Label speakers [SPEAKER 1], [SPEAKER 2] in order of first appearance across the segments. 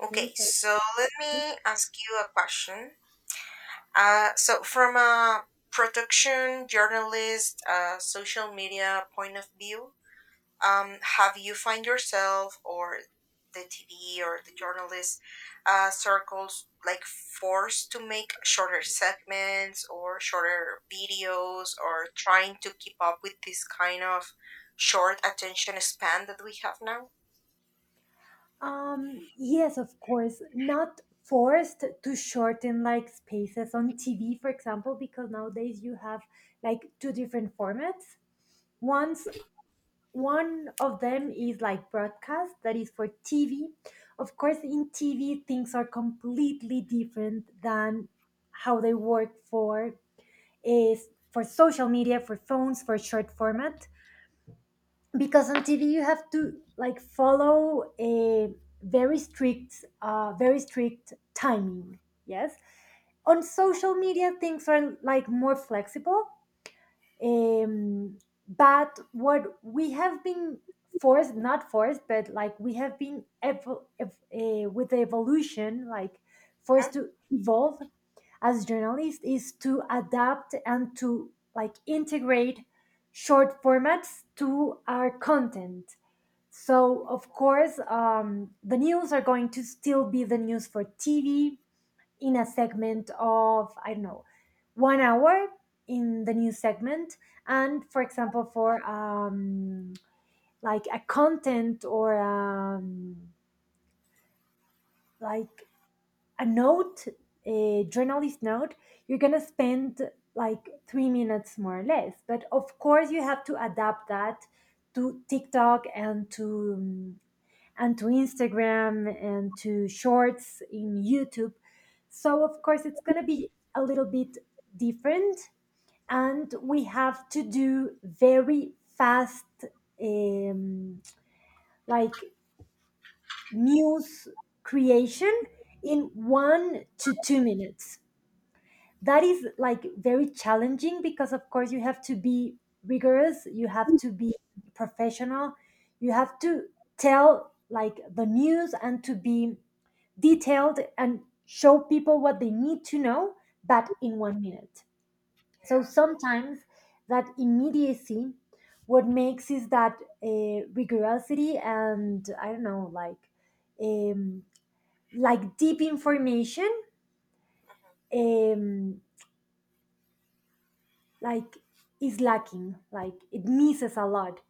[SPEAKER 1] Okay,
[SPEAKER 2] Jesus.
[SPEAKER 1] so let me ask you a question. From a production journalist, social media point of view, have you find yourself or the TV or the journalist circles like forced to make shorter segments or shorter videos or trying to keep up with this kind of short attention span that we have now?
[SPEAKER 2] Yes, of course, not forced to shorten like spaces on TV, for example, because nowadays you have like two different formats. One's One of them is like broadcast, that is for TV. Of course, in TV, things are completely different than how they work for is for social media, for phones, for short format. Because on TV you have to like follow a very strict timing. Yes, on social media things are like more flexible. Um, but what we have been forced, not forced, but like we have been with the evolution, like
[SPEAKER 1] Mhm.
[SPEAKER 2] forced to evolve as journalists is to adapt and to like integrate short formats to our content. So of course, the news are going to still be the news for TV in a
[SPEAKER 1] Mhm.
[SPEAKER 2] segment of I don't know 1 hour in the news segment, and for example, for like a content or like a note, a journalist note, you're going to spend like 3 minutes more or less. But of course, you have to adapt that to TikTok and to um, and to Instagram and to Shorts in YouTube. So of course, it's going to be a little bit different, and we have to do very fast, um, like news creation in 1 to 2 minutes. That is like very challenging because of course you have to be rigorous, you have to be professional, you have to tell like the news and to be detailed and show people what they need to know but in 1 minute. So
[SPEAKER 1] Yeah.
[SPEAKER 2] sometimes that immediacy what makes is that rigorosity, and I don't know like, um, like deep information, um, like is lacking, like it misses a lot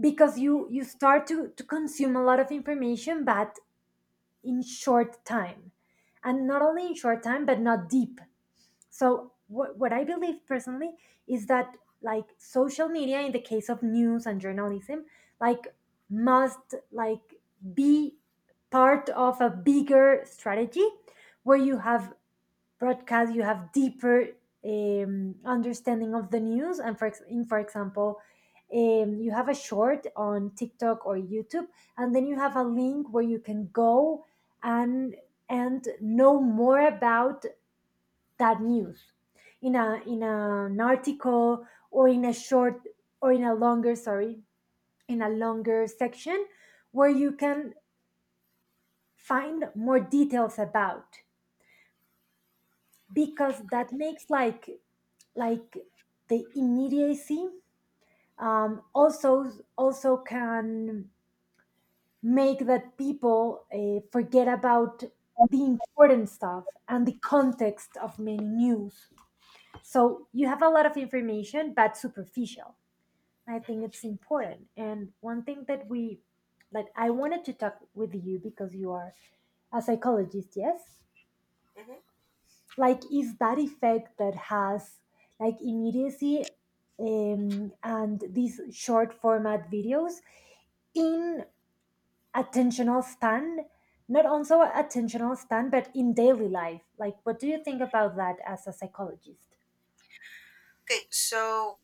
[SPEAKER 2] because
[SPEAKER 1] Mhm.
[SPEAKER 2] you start to consume a lot of information but in short time, and not only in short time but not deep. So what I believe personally is that like social media in the case of news and journalism like must like be part of a bigger strategy where you have broadcast, you have deeper understanding of the news and for ex- in for example, you have a short on TikTok or YouTube and then you have a link where you can go and know more about that news in a an article or in a short or in a longer, sorry, in a longer section where you can find more details about, because that makes like the immediacy
[SPEAKER 1] Mhm.
[SPEAKER 2] also can make that people forget about the important stuff and the context of many news. So you have a lot of information but superficial. I think it's
[SPEAKER 1] Mhm.
[SPEAKER 2] important, and one thing that we, that I wanted to talk with you because you are a psychologist, yes,
[SPEAKER 1] Hmm.
[SPEAKER 2] like is that effect that has like immediacy and these short format videos in attentional span, not also attentional span but in daily life. Like, what do you think about that as a psychologist?
[SPEAKER 1] Okay, so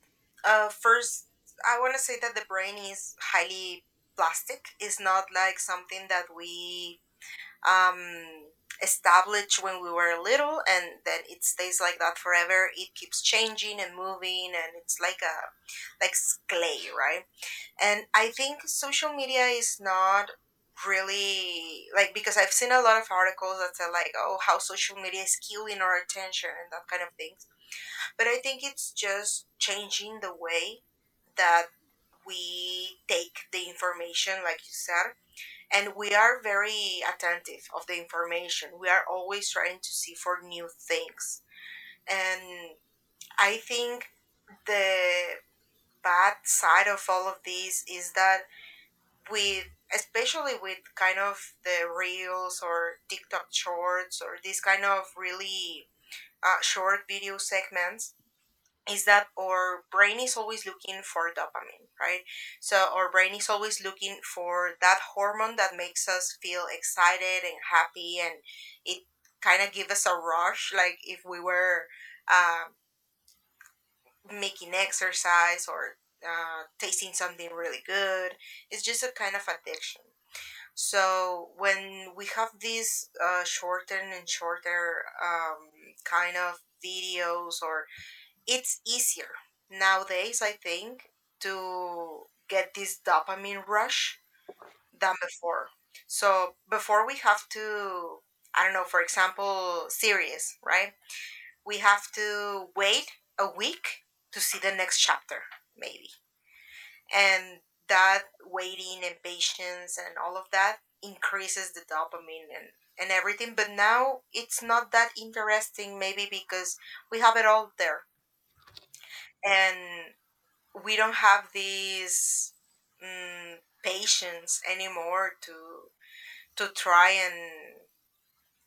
[SPEAKER 1] first, I want to say that the brain is highly plastic. It's not like something that we um, established when we were little and then it stays like that forever. It keeps changing and moving, and it's like a clay, right? And I think social media is not really like because I've seen a lot of articles that say like, oh, how social media is killing our attention and that kind of thing. But I think it's just changing the way that we take the information, like you said, and we are very attentive of the information. We are always trying to see for new things. And I think the bad side of all of this is that with especially with kind of the reels or TikTok shorts or these kind of really short video segments, is that our brain is always looking for dopamine, right? So our brain is always looking for that hormone that makes us feel excited and happy, and it kind of gives us a rush, like if we were uh, making exercise or tasting something really good. It's just a kind of addiction. So when we have these shorter and shorter kind of videos or it's easier nowadays, I think, to get this dopamine rush than before. So before we have to, I don't know, for example, series, right? We have to wait a week to see the next chapter, maybe. And that waiting and patience and all of that increases the dopamine and everything. But now it's not that interesting, maybe because we have it all there and we don't have these mm, patience anymore to try and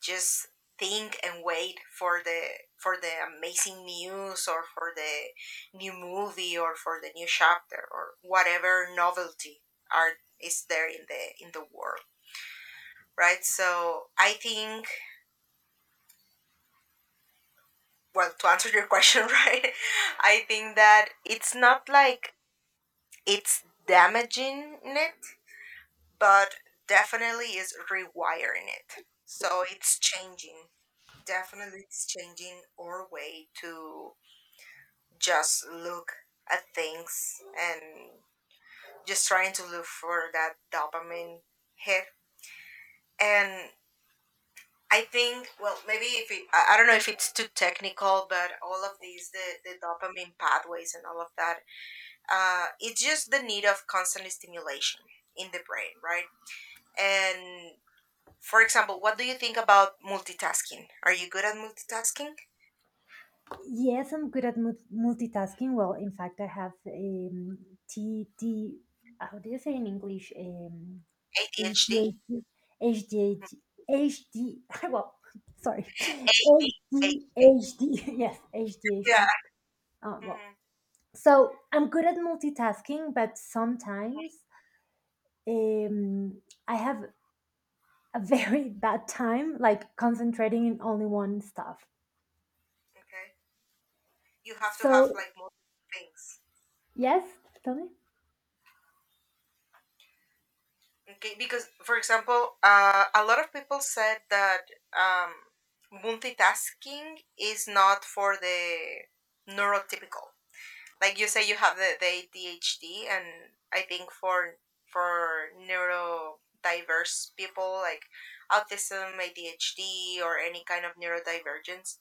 [SPEAKER 1] just think and wait for the for the amazing news or for the new movie or for the new chapter or whatever novelty are is there in the world, right? So I think, well, to answer your question right, I think that it's not like it's damaging it, but definitely is rewiring it. So it's changing. Definitely it's changing our way to just look at things and just trying to look for that dopamine hit. And I think, well, maybe if it, I don't know if it's too technical, but all of these, the dopamine pathways and all of that, it's just the need of constant stimulation in the brain, right? And for example, what do you think about multitasking? Are you good at multitasking?
[SPEAKER 2] Yes, I'm good at multitasking. Well, in fact I have td, how do you say in English?
[SPEAKER 1] ADHD?
[SPEAKER 2] HDHD, HDHD, HD. Well, sorry,
[SPEAKER 1] ADHD.
[SPEAKER 2] HDHD. Yes,
[SPEAKER 1] Yeah.
[SPEAKER 2] HDHD. Well,
[SPEAKER 1] Hmm.
[SPEAKER 2] so I'm good at multitasking, but sometimes um, I have a very bad time, like concentrating in only one stuff.
[SPEAKER 1] Okay. You have to have
[SPEAKER 2] So,
[SPEAKER 1] like multiple things.
[SPEAKER 2] yes, tell me,
[SPEAKER 1] Okay, because for example, a lot of people said that um, multitasking is not for the neurotypical. Like you say you have the ADHD and I think for neurodiverse people like autism, ADHD or any kind of neurodivergence,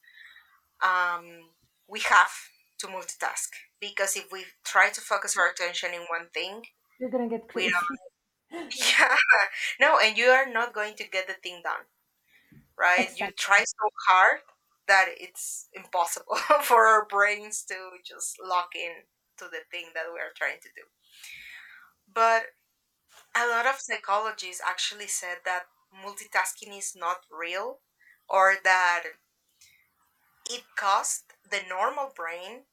[SPEAKER 1] um, we have to multitask because if we try to focus our attention in one thing,
[SPEAKER 2] you're gonna get
[SPEAKER 1] we
[SPEAKER 2] crazy.
[SPEAKER 1] don't yeah. No, and you are not going to get the thing done, right? You
[SPEAKER 2] Exactly.
[SPEAKER 1] try so hard that it's impossible for our brains to just lock in to the thing that we are trying to do. But a lot of psychologists actually said that multitasking is not real or that it costs the normal brain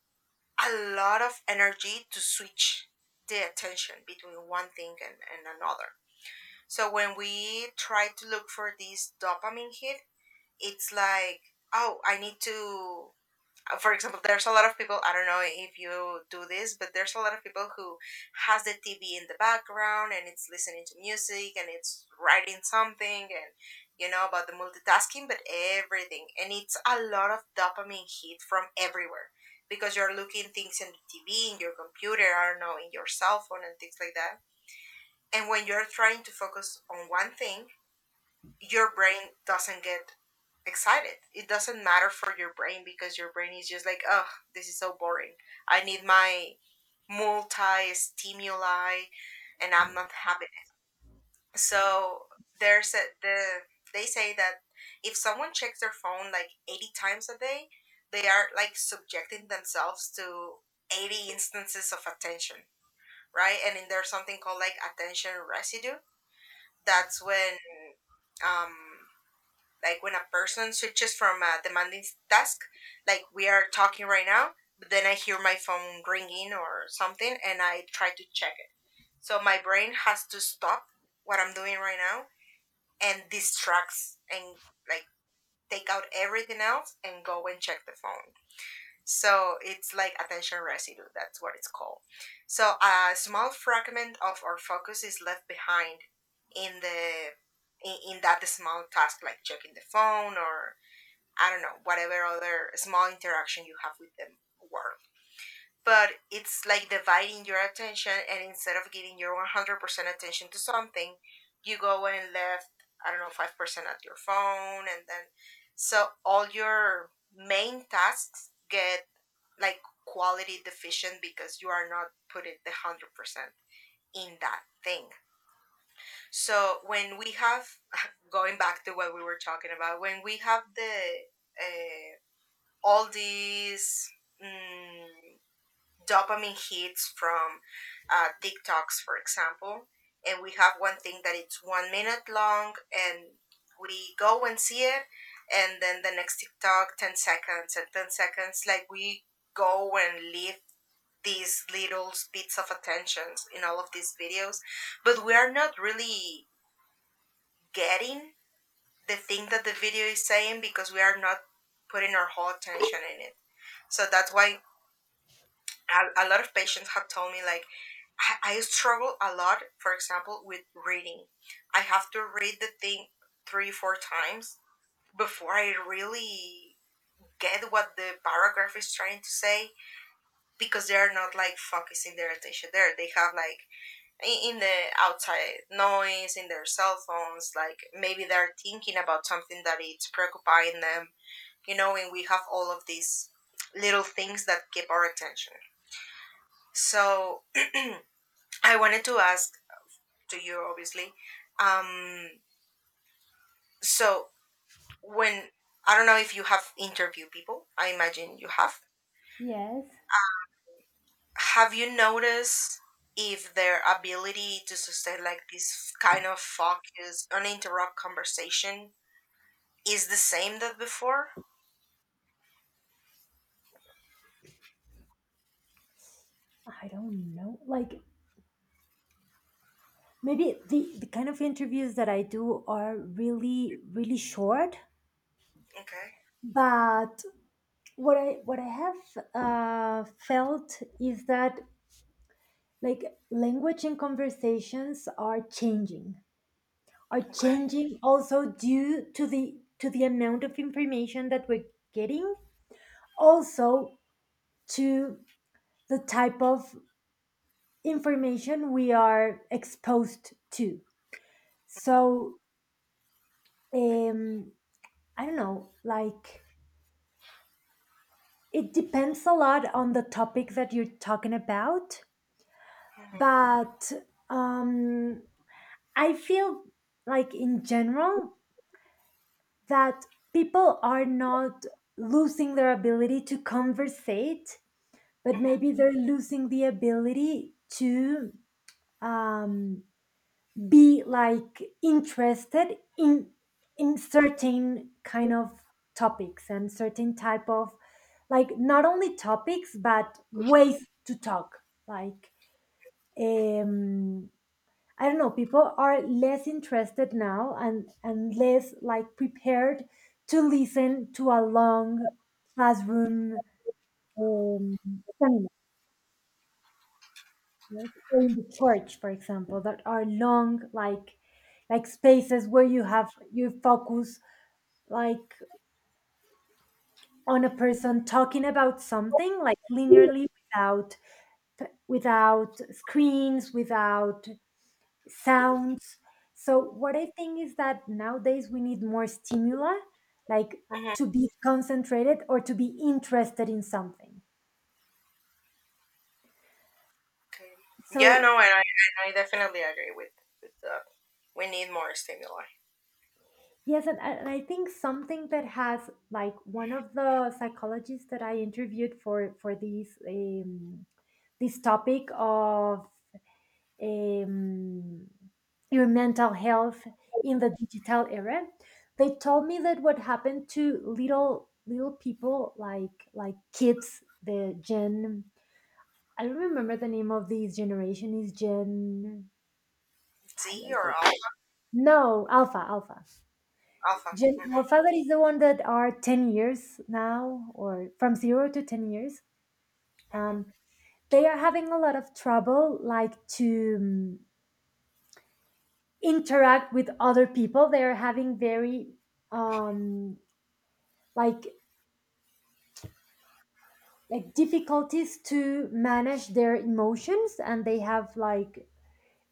[SPEAKER 1] a lot of energy to switch the attention between one thing and another. So when we try to look for this dopamine hit, it's like, oh, I need to for example, there's a lot of people, I don't know if you do this, but there's a lot of people who has the TV in the background and it's listening to music and it's writing something and you know about the multitasking but everything and it's a lot of dopamine hit from everywhere because you're looking things in the TV in your computer, I don't know, in your cell phone and things like that. And when you're trying to focus on one thing, your brain doesn't get excited. It doesn't matter for your brain because your brain is just like, oh, this is so boring. I need my multi stimuli and I'm not happy. So the they say that if someone checks their phone like 80 times a day, they are like subjecting themselves to 80 instances of attention, right? And then there's something called like attention residue. That's when um, like when a person switches from a demanding task, like we are talking right now, but then I hear my phone ringing or something and I try to check it. So my brain has to stop what I'm doing right now and distracts and like take out everything else and go and check the phone. So it's like attention residue, that's what it's called. So a small fragment of our focus is left behind in the in that small task like checking the phone or I don't know, whatever other small interaction you have with the world. But it's like dividing your attention, and instead of giving your 100% attention to something, you go and left, I don't know, 5% at your phone. And then, so all your main tasks get like quality deficient because you are not putting the 100% in that thing. So when we have, going back to what we were talking about, when we have the, uh, all these mm, dopamine hits from TikToks, for example. And we have one thing that it's 1 minute long, and we go and see it, and then the next TikTok, 10 seconds, and 10 seconds. Like we go and leave these little bits of attentions in all of these videos, but we are not really getting the thing that the video is saying because we are not putting our whole attention in it. So that's why a lot of patients have told me like I struggle a lot for example with reading. I have to read the thing 3 4 times before I really get what the paragraph is trying to say because they are not like focusing their attention there. They have like in the outside noise in their cell phones, like maybe they're thinking about something that it's preoccupying them, you know, and we have all of these little things that keep our attention. So I wanted to ask to you, obviously. Um, so when I don't know if you have interviewed people, I imagine you have.
[SPEAKER 2] Yes.
[SPEAKER 1] Have you noticed if their ability to sustain like this kind of focus, uninterrupted conversation, is the same that before?
[SPEAKER 2] I don't know. Like, maybe the kind of interviews that I do are really really short,
[SPEAKER 1] Okay.
[SPEAKER 2] but what I have felt is that like language and conversations are changing,
[SPEAKER 1] Okay.
[SPEAKER 2] also due to the amount of information that we're getting, also to the type of information we are exposed to.
[SPEAKER 1] Mhm,
[SPEAKER 2] So, um I don't know, like, it depends a lot on the topic that you're talking about,
[SPEAKER 1] mhm,
[SPEAKER 2] but um, I feel like in general that people are not losing their ability to conversate, but
[SPEAKER 1] mhm,
[SPEAKER 2] maybe they're losing the ability to, um, be like interested in, certain kind of topics and certain type of, like, not only topics but ways to talk, like, um I don't know, people are less interested now and less like prepared to listen to a long classroom um, seminar. Yes, in the church, for example, that are long, like spaces where you have, you focus, like, on a person talking about something, like linearly without screens, without sounds. So what I think is that nowadays we need more stimuli, like,
[SPEAKER 1] mhm.
[SPEAKER 2] to be concentrated or to be interested in something.
[SPEAKER 1] Okay. Yeah.
[SPEAKER 2] So.
[SPEAKER 1] No. And and I definitely agree with that. We need more stimuli.
[SPEAKER 2] Yes, and I think something that has, like, one of the psychologists that I interviewed for these, this topic of um, your mental health in the digital era, they told me that what happened to little little people like kids, the Gen, I don't remember the name of this generation, is Gen,
[SPEAKER 1] Z
[SPEAKER 2] I-
[SPEAKER 1] or
[SPEAKER 2] I-
[SPEAKER 1] alpha?
[SPEAKER 2] no, Alpha, Alpha,
[SPEAKER 1] Alpha.
[SPEAKER 2] Gen Alpha, that is the one that are 10 years now, or from 0 to 10 years. Um,
[SPEAKER 1] Hmm.
[SPEAKER 2] they are having a lot of trouble, like to interact with other people. They are having very, um, like, like difficulties to manage their emotions, and they have like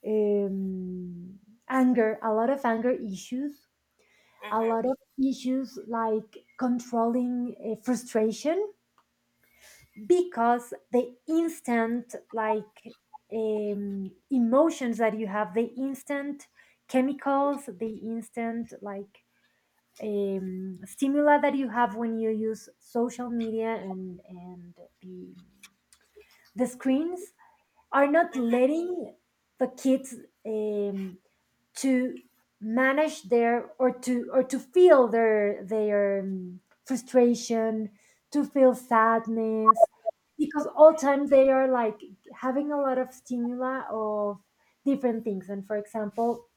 [SPEAKER 2] um, anger, a lot of anger issues, a
[SPEAKER 1] Hmm.
[SPEAKER 2] lot of issues like controlling frustration because the instant like emotions that you have, the instant chemicals, the instant like stimuli that you have when you use social media and the screens are not
[SPEAKER 1] Hmm.
[SPEAKER 2] letting the kids um, to manage their, or to, or to feel their frustration, to feel sadness because all time they are like having a lot of stimuli of different things. And for example,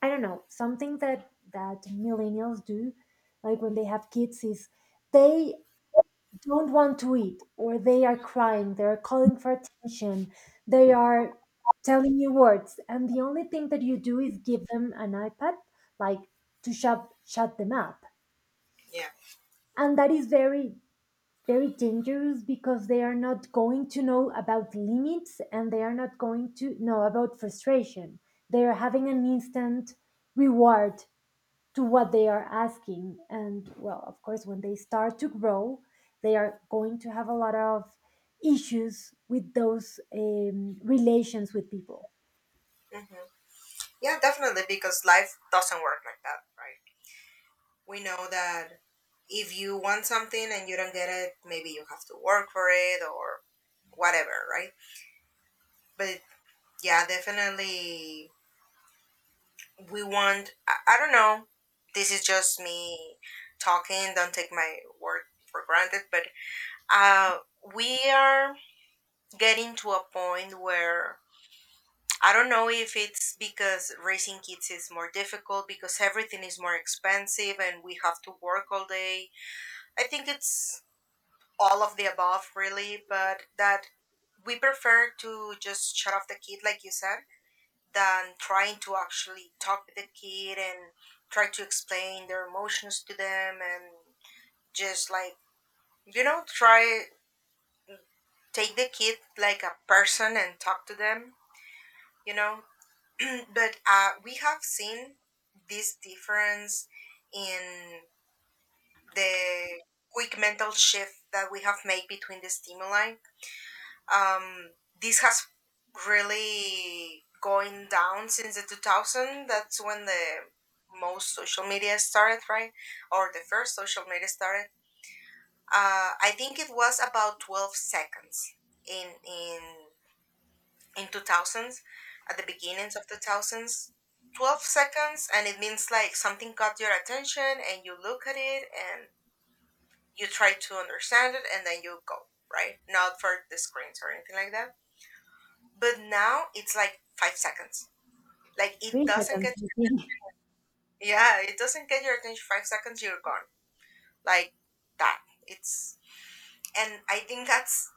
[SPEAKER 2] I don't know, something that millennials do like when they have kids is they don't want to eat or they are crying, they are calling for attention, they are telling you words and the only thing that you do is give them an iPad, like, to shut them up.
[SPEAKER 1] Yeah.
[SPEAKER 2] And that is very very dangerous because they are not going to know about limits and they are not going to know about frustration. They are having an instant reward to what they are asking. And well, of course, when they start to grow, they are going to have a lot of issues with those relations with people.
[SPEAKER 1] Hmm. Yeah, definitely, because life doesn't work like that, right? We know that if you want something and you don't get it, maybe you have to work for it or whatever, right? But yeah, definitely, we want, I don't know, this is just me talking, don't take my word for granted, but uh, we are getting to a point where I don't know if it's because raising kids is more difficult because everything is more expensive and we have to work all day. I think it's all of the above, really, but that we prefer to just shut off the kid, like you said, than trying to actually talk with the kid and try to explain their emotions to them and just like, you know, try take the kid like a person and talk to them. You know, but we have seen this difference in the quick mental shift that we have made between the stimuli. Um, this has really going down since the 2000. That's when the most social media started, right? Or the first social media started. I think it was about 12 seconds in in in 2000s, at the beginnings of 2000s. 12 seconds, and it means like something got your attention and you look at it and you try to understand it and then you go, right, not for the screens or anything like that. But now it's like 5 seconds. Like it
[SPEAKER 2] Three
[SPEAKER 1] doesn't
[SPEAKER 2] seconds,
[SPEAKER 1] get,
[SPEAKER 2] I think.
[SPEAKER 1] yeah, it doesn't get your attention. 5 seconds, you're gone. Like that. It's, and I think that's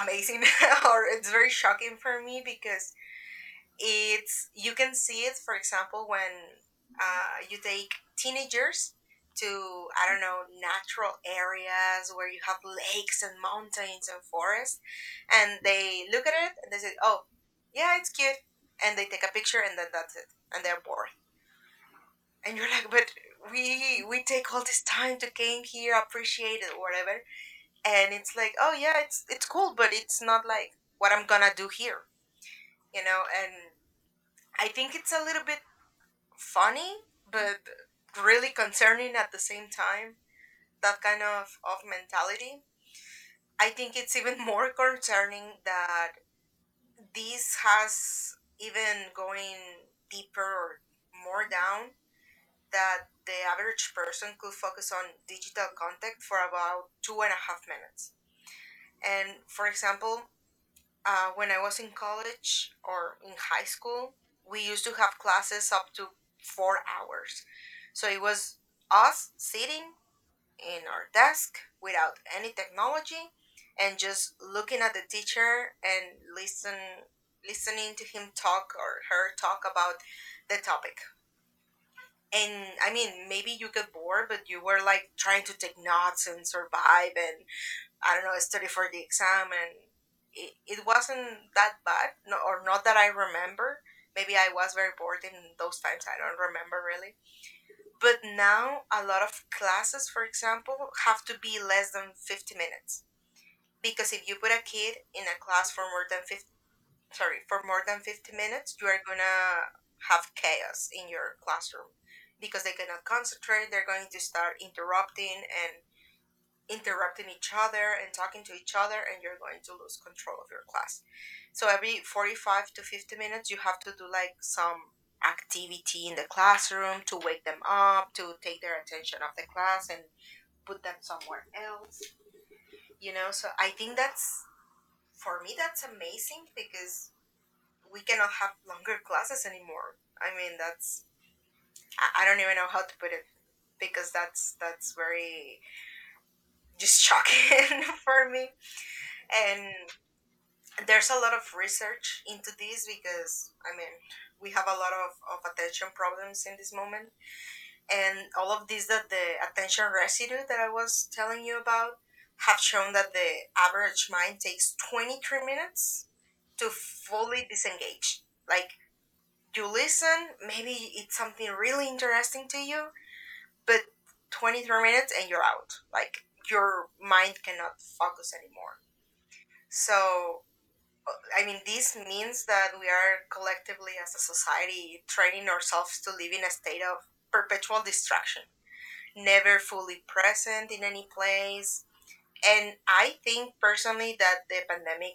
[SPEAKER 1] amazing or it's very shocking for me, because it's, you can see it, for example, when you take teenagers to, I don't know, natural areas where you have lakes and mountains and forests, and they look at it and they say, oh yeah, it's cute, and they take a picture and then that's it, and they're bored. And you're like, but we take all this time to came here, appreciate it, whatever, and it's like, oh yeah, it's cool, but it's not like what I'm gonna do here, and I think it's a little bit funny but really concerning at the same time, that kind of mentality. I think it's even more concerning that this has even going deeper, or more down, that the average person could focus on digital contact for about 2.5 minutes. And for example, when I was in college or in high school, we used to have classes up to 4 hours. So it was us sitting in our desk without any technology and just looking at the teacher and listening to him talk or her talk about the topic. And I mean, maybe you get bored, but you were like trying to take notes and survive and I don't know, study for the exam, and it wasn't that bad, no, or not that I remember. Maybe I was very bored in those times. I don't remember really. But now, a lot of classes, for example, have to be less than 50 minutes. Because if you put a kid in a class for more than 50, sorry, for more than 50 minutes, you are going to have chaos in your classroom, because they cannot concentrate. They're going to start interrupting and interrupting each other and talking to each other, and you're going to lose control of your class. So every 45 to 50 minutes you have to do like some activity in the classroom to wake them up, to take their attention off the class and put them somewhere else, you know. So I think that's, for me that's amazing, because we cannot have longer classes anymore. I mean that's, I don't even know how to put it, because that's very just shocking for me. And there's a lot of research into this, because I mean, we have a lot of attention problems in this moment, and all of these that the attention residue that I was telling you about, have shown that the average mind takes 23 minutes to fully disengage. Like you listen, maybe it's something really interesting to you, but 23 minutes and you're out. Like your mind cannot focus anymore. So I mean, this means that we are collectively, as a society, training ourselves to live in a state of perpetual distraction, never fully present in any place. And I think personally that the pandemic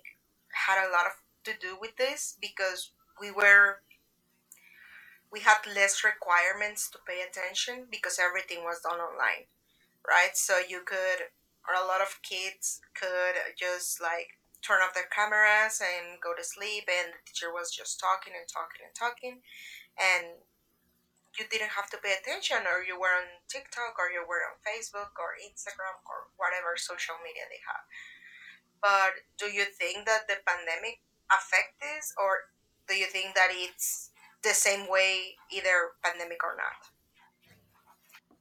[SPEAKER 1] had a lot of, to do with this, because we were, we had less requirements to pay attention because everything was done online, right? So you could, or a lot of kids could just like turn off their cameras and go to sleep, and the teacher was just talking and talking and talking, and you didn't have to pay attention, or you were on TikTok, or you were on Facebook, or Instagram, or whatever social media they have. But do you think that the pandemic affect this, or do you think that it's the same way, either pandemic or not?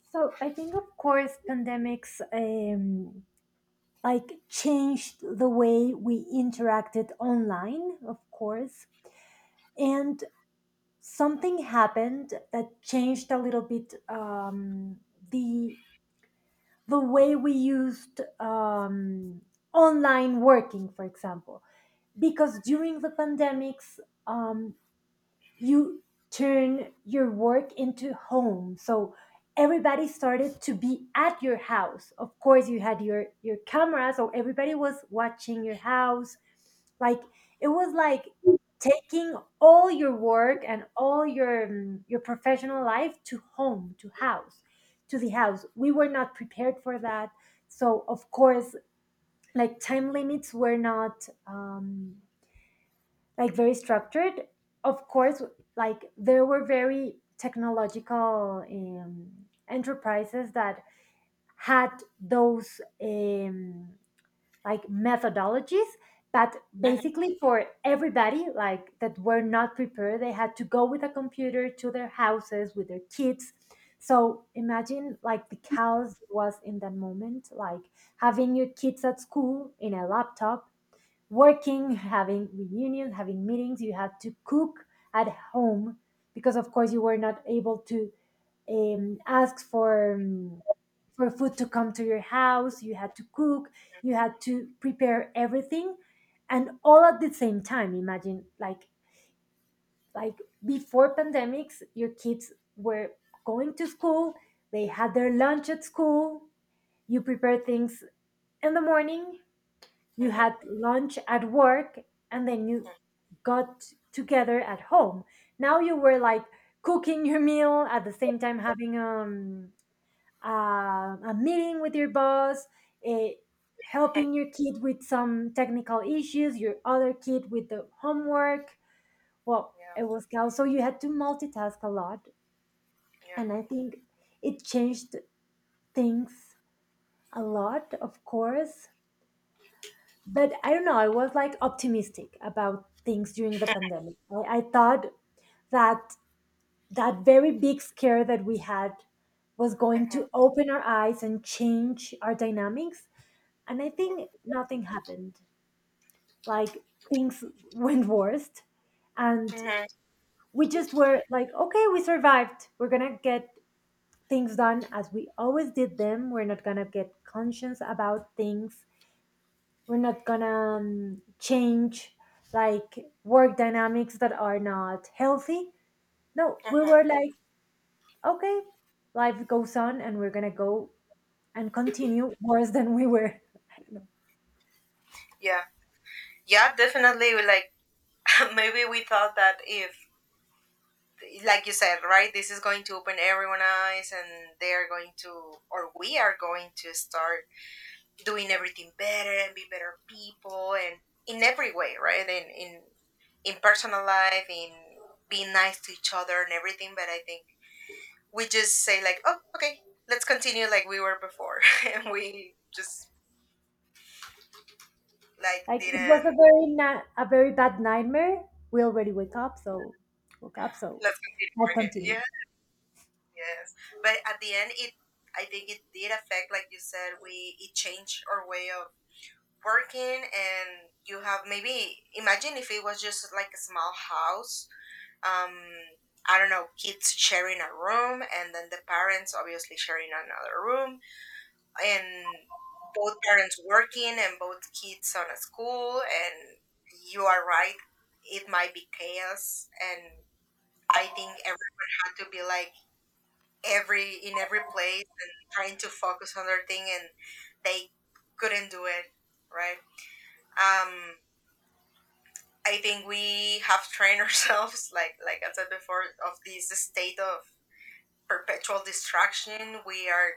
[SPEAKER 2] So I think, of course, pandemics like changed the way we interacted online, of course, and something happened that changed a little bit the the way we used online working, for example. Because
[SPEAKER 1] Mhm.
[SPEAKER 2] during the pandemics, um, you turn your work into home, so everybody started to be at your house. Of course, you had your camera, so everybody was watching your house. Like, it was like taking all your work and all your, your professional life to home, to house, to the house. We were not prepared for that. So of course, like, time limits were not like very structured. Of course, like there were very technological enterprises that had those like methodologies, but
[SPEAKER 1] Mhm.
[SPEAKER 2] basically for everybody like that were not prepared, they had to go with a computer to their houses with their kids. So imagine like the chaos was in that moment, like having your kids at school in a laptop working, having reunions, having meetings. You had to cook at home because, of course, you were not able to ask for for food to come to your house. You had to cook. You had to prepare everything, and all at the same time. Imagine like before pandemics, your kids were going to school. They had their lunch at school. You prepare things in the morning, you
[SPEAKER 1] Mhm.
[SPEAKER 2] had lunch at work, and then you
[SPEAKER 1] Mhm.
[SPEAKER 2] got together at home. Now you were like cooking your meal at the same time, having a meeting with your boss, eh, helping your kid with some technical issues, your other kid with the homework. Well,
[SPEAKER 1] Yeah,
[SPEAKER 2] it was chaos. So you had to multitask a lot,
[SPEAKER 1] yeah.
[SPEAKER 2] and I think it changed things a lot, of course. But I don't know. I was like optimistic about things during the pandemic. I thought that that very big scare that we had was going
[SPEAKER 1] Mhm.
[SPEAKER 2] to open our eyes and change our dynamics. And I think nothing happened. Like, things went worst. And
[SPEAKER 1] Mhm.
[SPEAKER 2] we just were like, okay, we survived, we're going to get things done as we always did them. We're not going to get conscious about things. We're not gonna change, like, work dynamics that are not healthy. No, we were
[SPEAKER 1] Mm-hmm.
[SPEAKER 2] like, okay, life goes on and we're gonna go and continue worse than we were. I don't know,
[SPEAKER 1] Yeah, yeah, definitely. We Like maybe we thought that if, like you said, right, this is going to open everyone's eyes, and they are going to, or we are going to start doing everything better and be better people, and in every way, right, in in personal life, in being nice to each other and everything. But I think we just say like, oh, okay, let's continue like we were before, and we just like
[SPEAKER 2] like, it was
[SPEAKER 1] didn't.
[SPEAKER 2] a very a very bad nightmare. We already wake up so woke up so
[SPEAKER 1] Let's continue
[SPEAKER 2] I
[SPEAKER 1] working.
[SPEAKER 2] continue.
[SPEAKER 1] Yeah. Yes, but at the end, it I think it did affect, like you said, we it changed our way of working, and you have, maybe imagine if it was just like a small house. Um, I don't know, kids sharing a room, and then the parents obviously sharing another room, and both parents working, and both kids on a school, and you are right, it might be chaos, and I think everyone had to be like every in every place and trying to focus on their thing and they couldn't do it, right. um I think we have trained ourselves, like I said before, of this state of perpetual distraction. We are,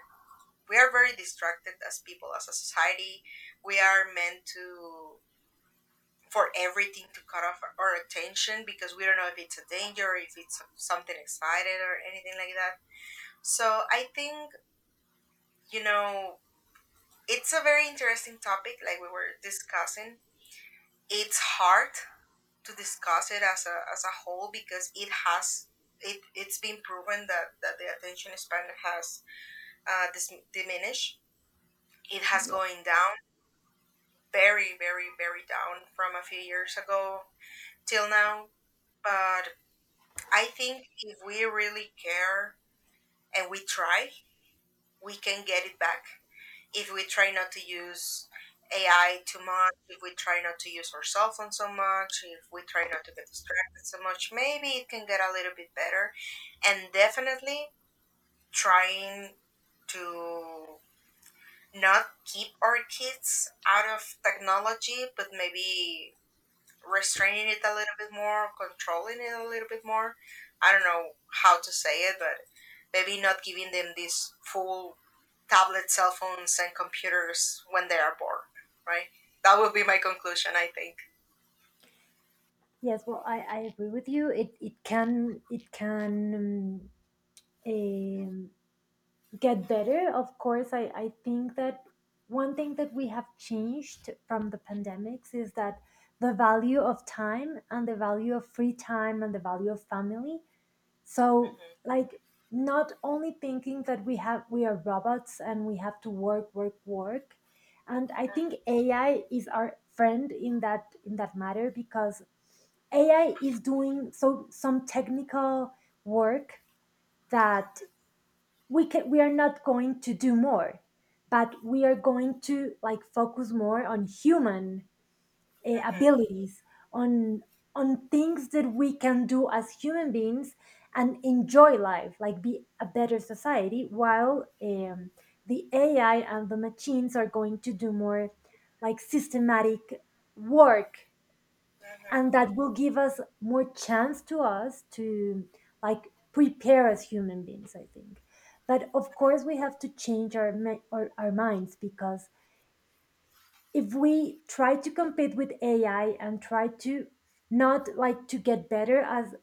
[SPEAKER 1] we are very distracted as people, as a society. We are meant to, for everything to cut off our attention, because we don't know if it's a danger, if it's something excited or anything like that. So I think, you know it's a very interesting topic, like we were discussing. It's hard to discuss it as a whole, because it has, it's been proven that the attention span has diminished. It has
[SPEAKER 2] Yeah.
[SPEAKER 1] going down very very very down from a few years ago till now. But I think if we really care and we try, we can get it back. If we try not to use AI too much, if we try not to use our cell phone so much, if we try not to get distracted so much, maybe it can get a little bit better. And definitely trying to not keep our kids out of technology, but maybe restraining it a little bit more, controlling it a little bit more. I don't know how to say it, but maybe not giving them these full tablets, cell phones and computers when they are bored, right? That would be my conclusion, I think.
[SPEAKER 2] Yes, well, I agree with you. It can, um, um, get better, of course. I think that one thing that we have changed from the pandemics is that the value of time and the value of free time and the value of family. So,
[SPEAKER 1] Mhm,
[SPEAKER 2] like, not only thinking that we have, we are robots and we have to work work work. And I think AI is our friend in that, matter because AI is doing some technical work that we can, we are not going to do more, but we are going to like focus more on human
[SPEAKER 1] mhm, mhm, mhm,
[SPEAKER 2] abilities, on, things that we can do as human beings and enjoy life, like be a better society, while the AI and the machines are going to do more like systematic work. And
[SPEAKER 1] mhm,
[SPEAKER 2] that will give us more chance to us to like prepare as human beings, I think. But of course
[SPEAKER 1] mhm.
[SPEAKER 2] we have to change our minds because if we try to compete with AI and try to not, like, to get better as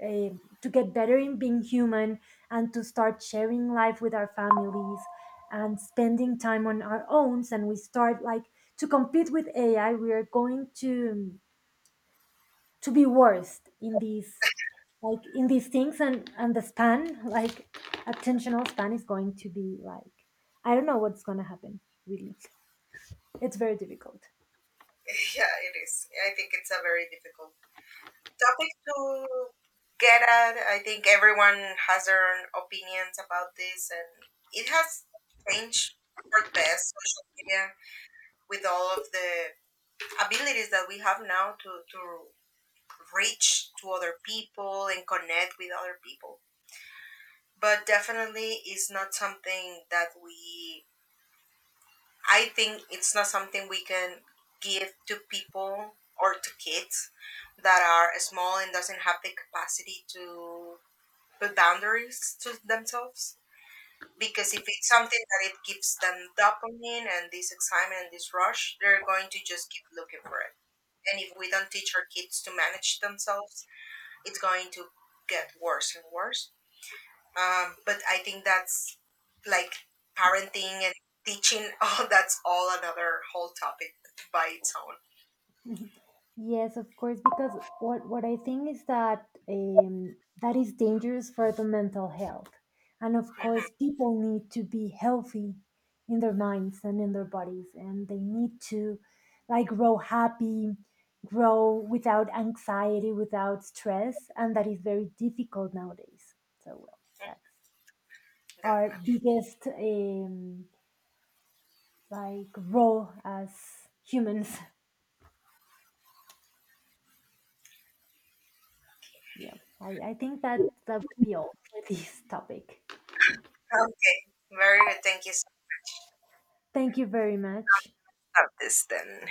[SPEAKER 2] a, to get better in being human and to start sharing life with our families and spending time on our own and we start like to compete with AI, we are going to, be worse in this, like in these things. And the span, like attentional span is going to be like, I don't know what's going to happen. Really, it's very difficult.
[SPEAKER 1] Yeah, it is. I think it's a very difficult topic to get at. I think everyone has their own opinions about this, and it has changed for the best. Social media with all of the abilities that we have now to reach to other people and connect with other people. But definitely it's not something that we, I think it's not something we can give to people or to kids that are small and doesn't have the capacity to put boundaries to themselves. Because if it's something that it gives them dopamine and this excitement and this rush, they're going to just keep looking for it. And if we don't teach our kids to manage themselves, it's going to get worse and worse. But I think that's like parenting and teaching. Oh, that's all another whole topic by its own.
[SPEAKER 2] Mhm. Yes, of course, because what I think is that that is dangerous for the mental health. And of course,
[SPEAKER 1] Hmm.
[SPEAKER 2] people need to be healthy in their minds and in their bodies, and they need to like grow happy, grow without anxiety, without stress, and that is very difficult nowadays. So, well, that's our
[SPEAKER 1] Definitely.
[SPEAKER 2] biggest like role as humans. Yeah, I think that that would be all for this topic.
[SPEAKER 1] Okay. Very good. Thank you so much.
[SPEAKER 2] Thank you very much.
[SPEAKER 1] Stop this then.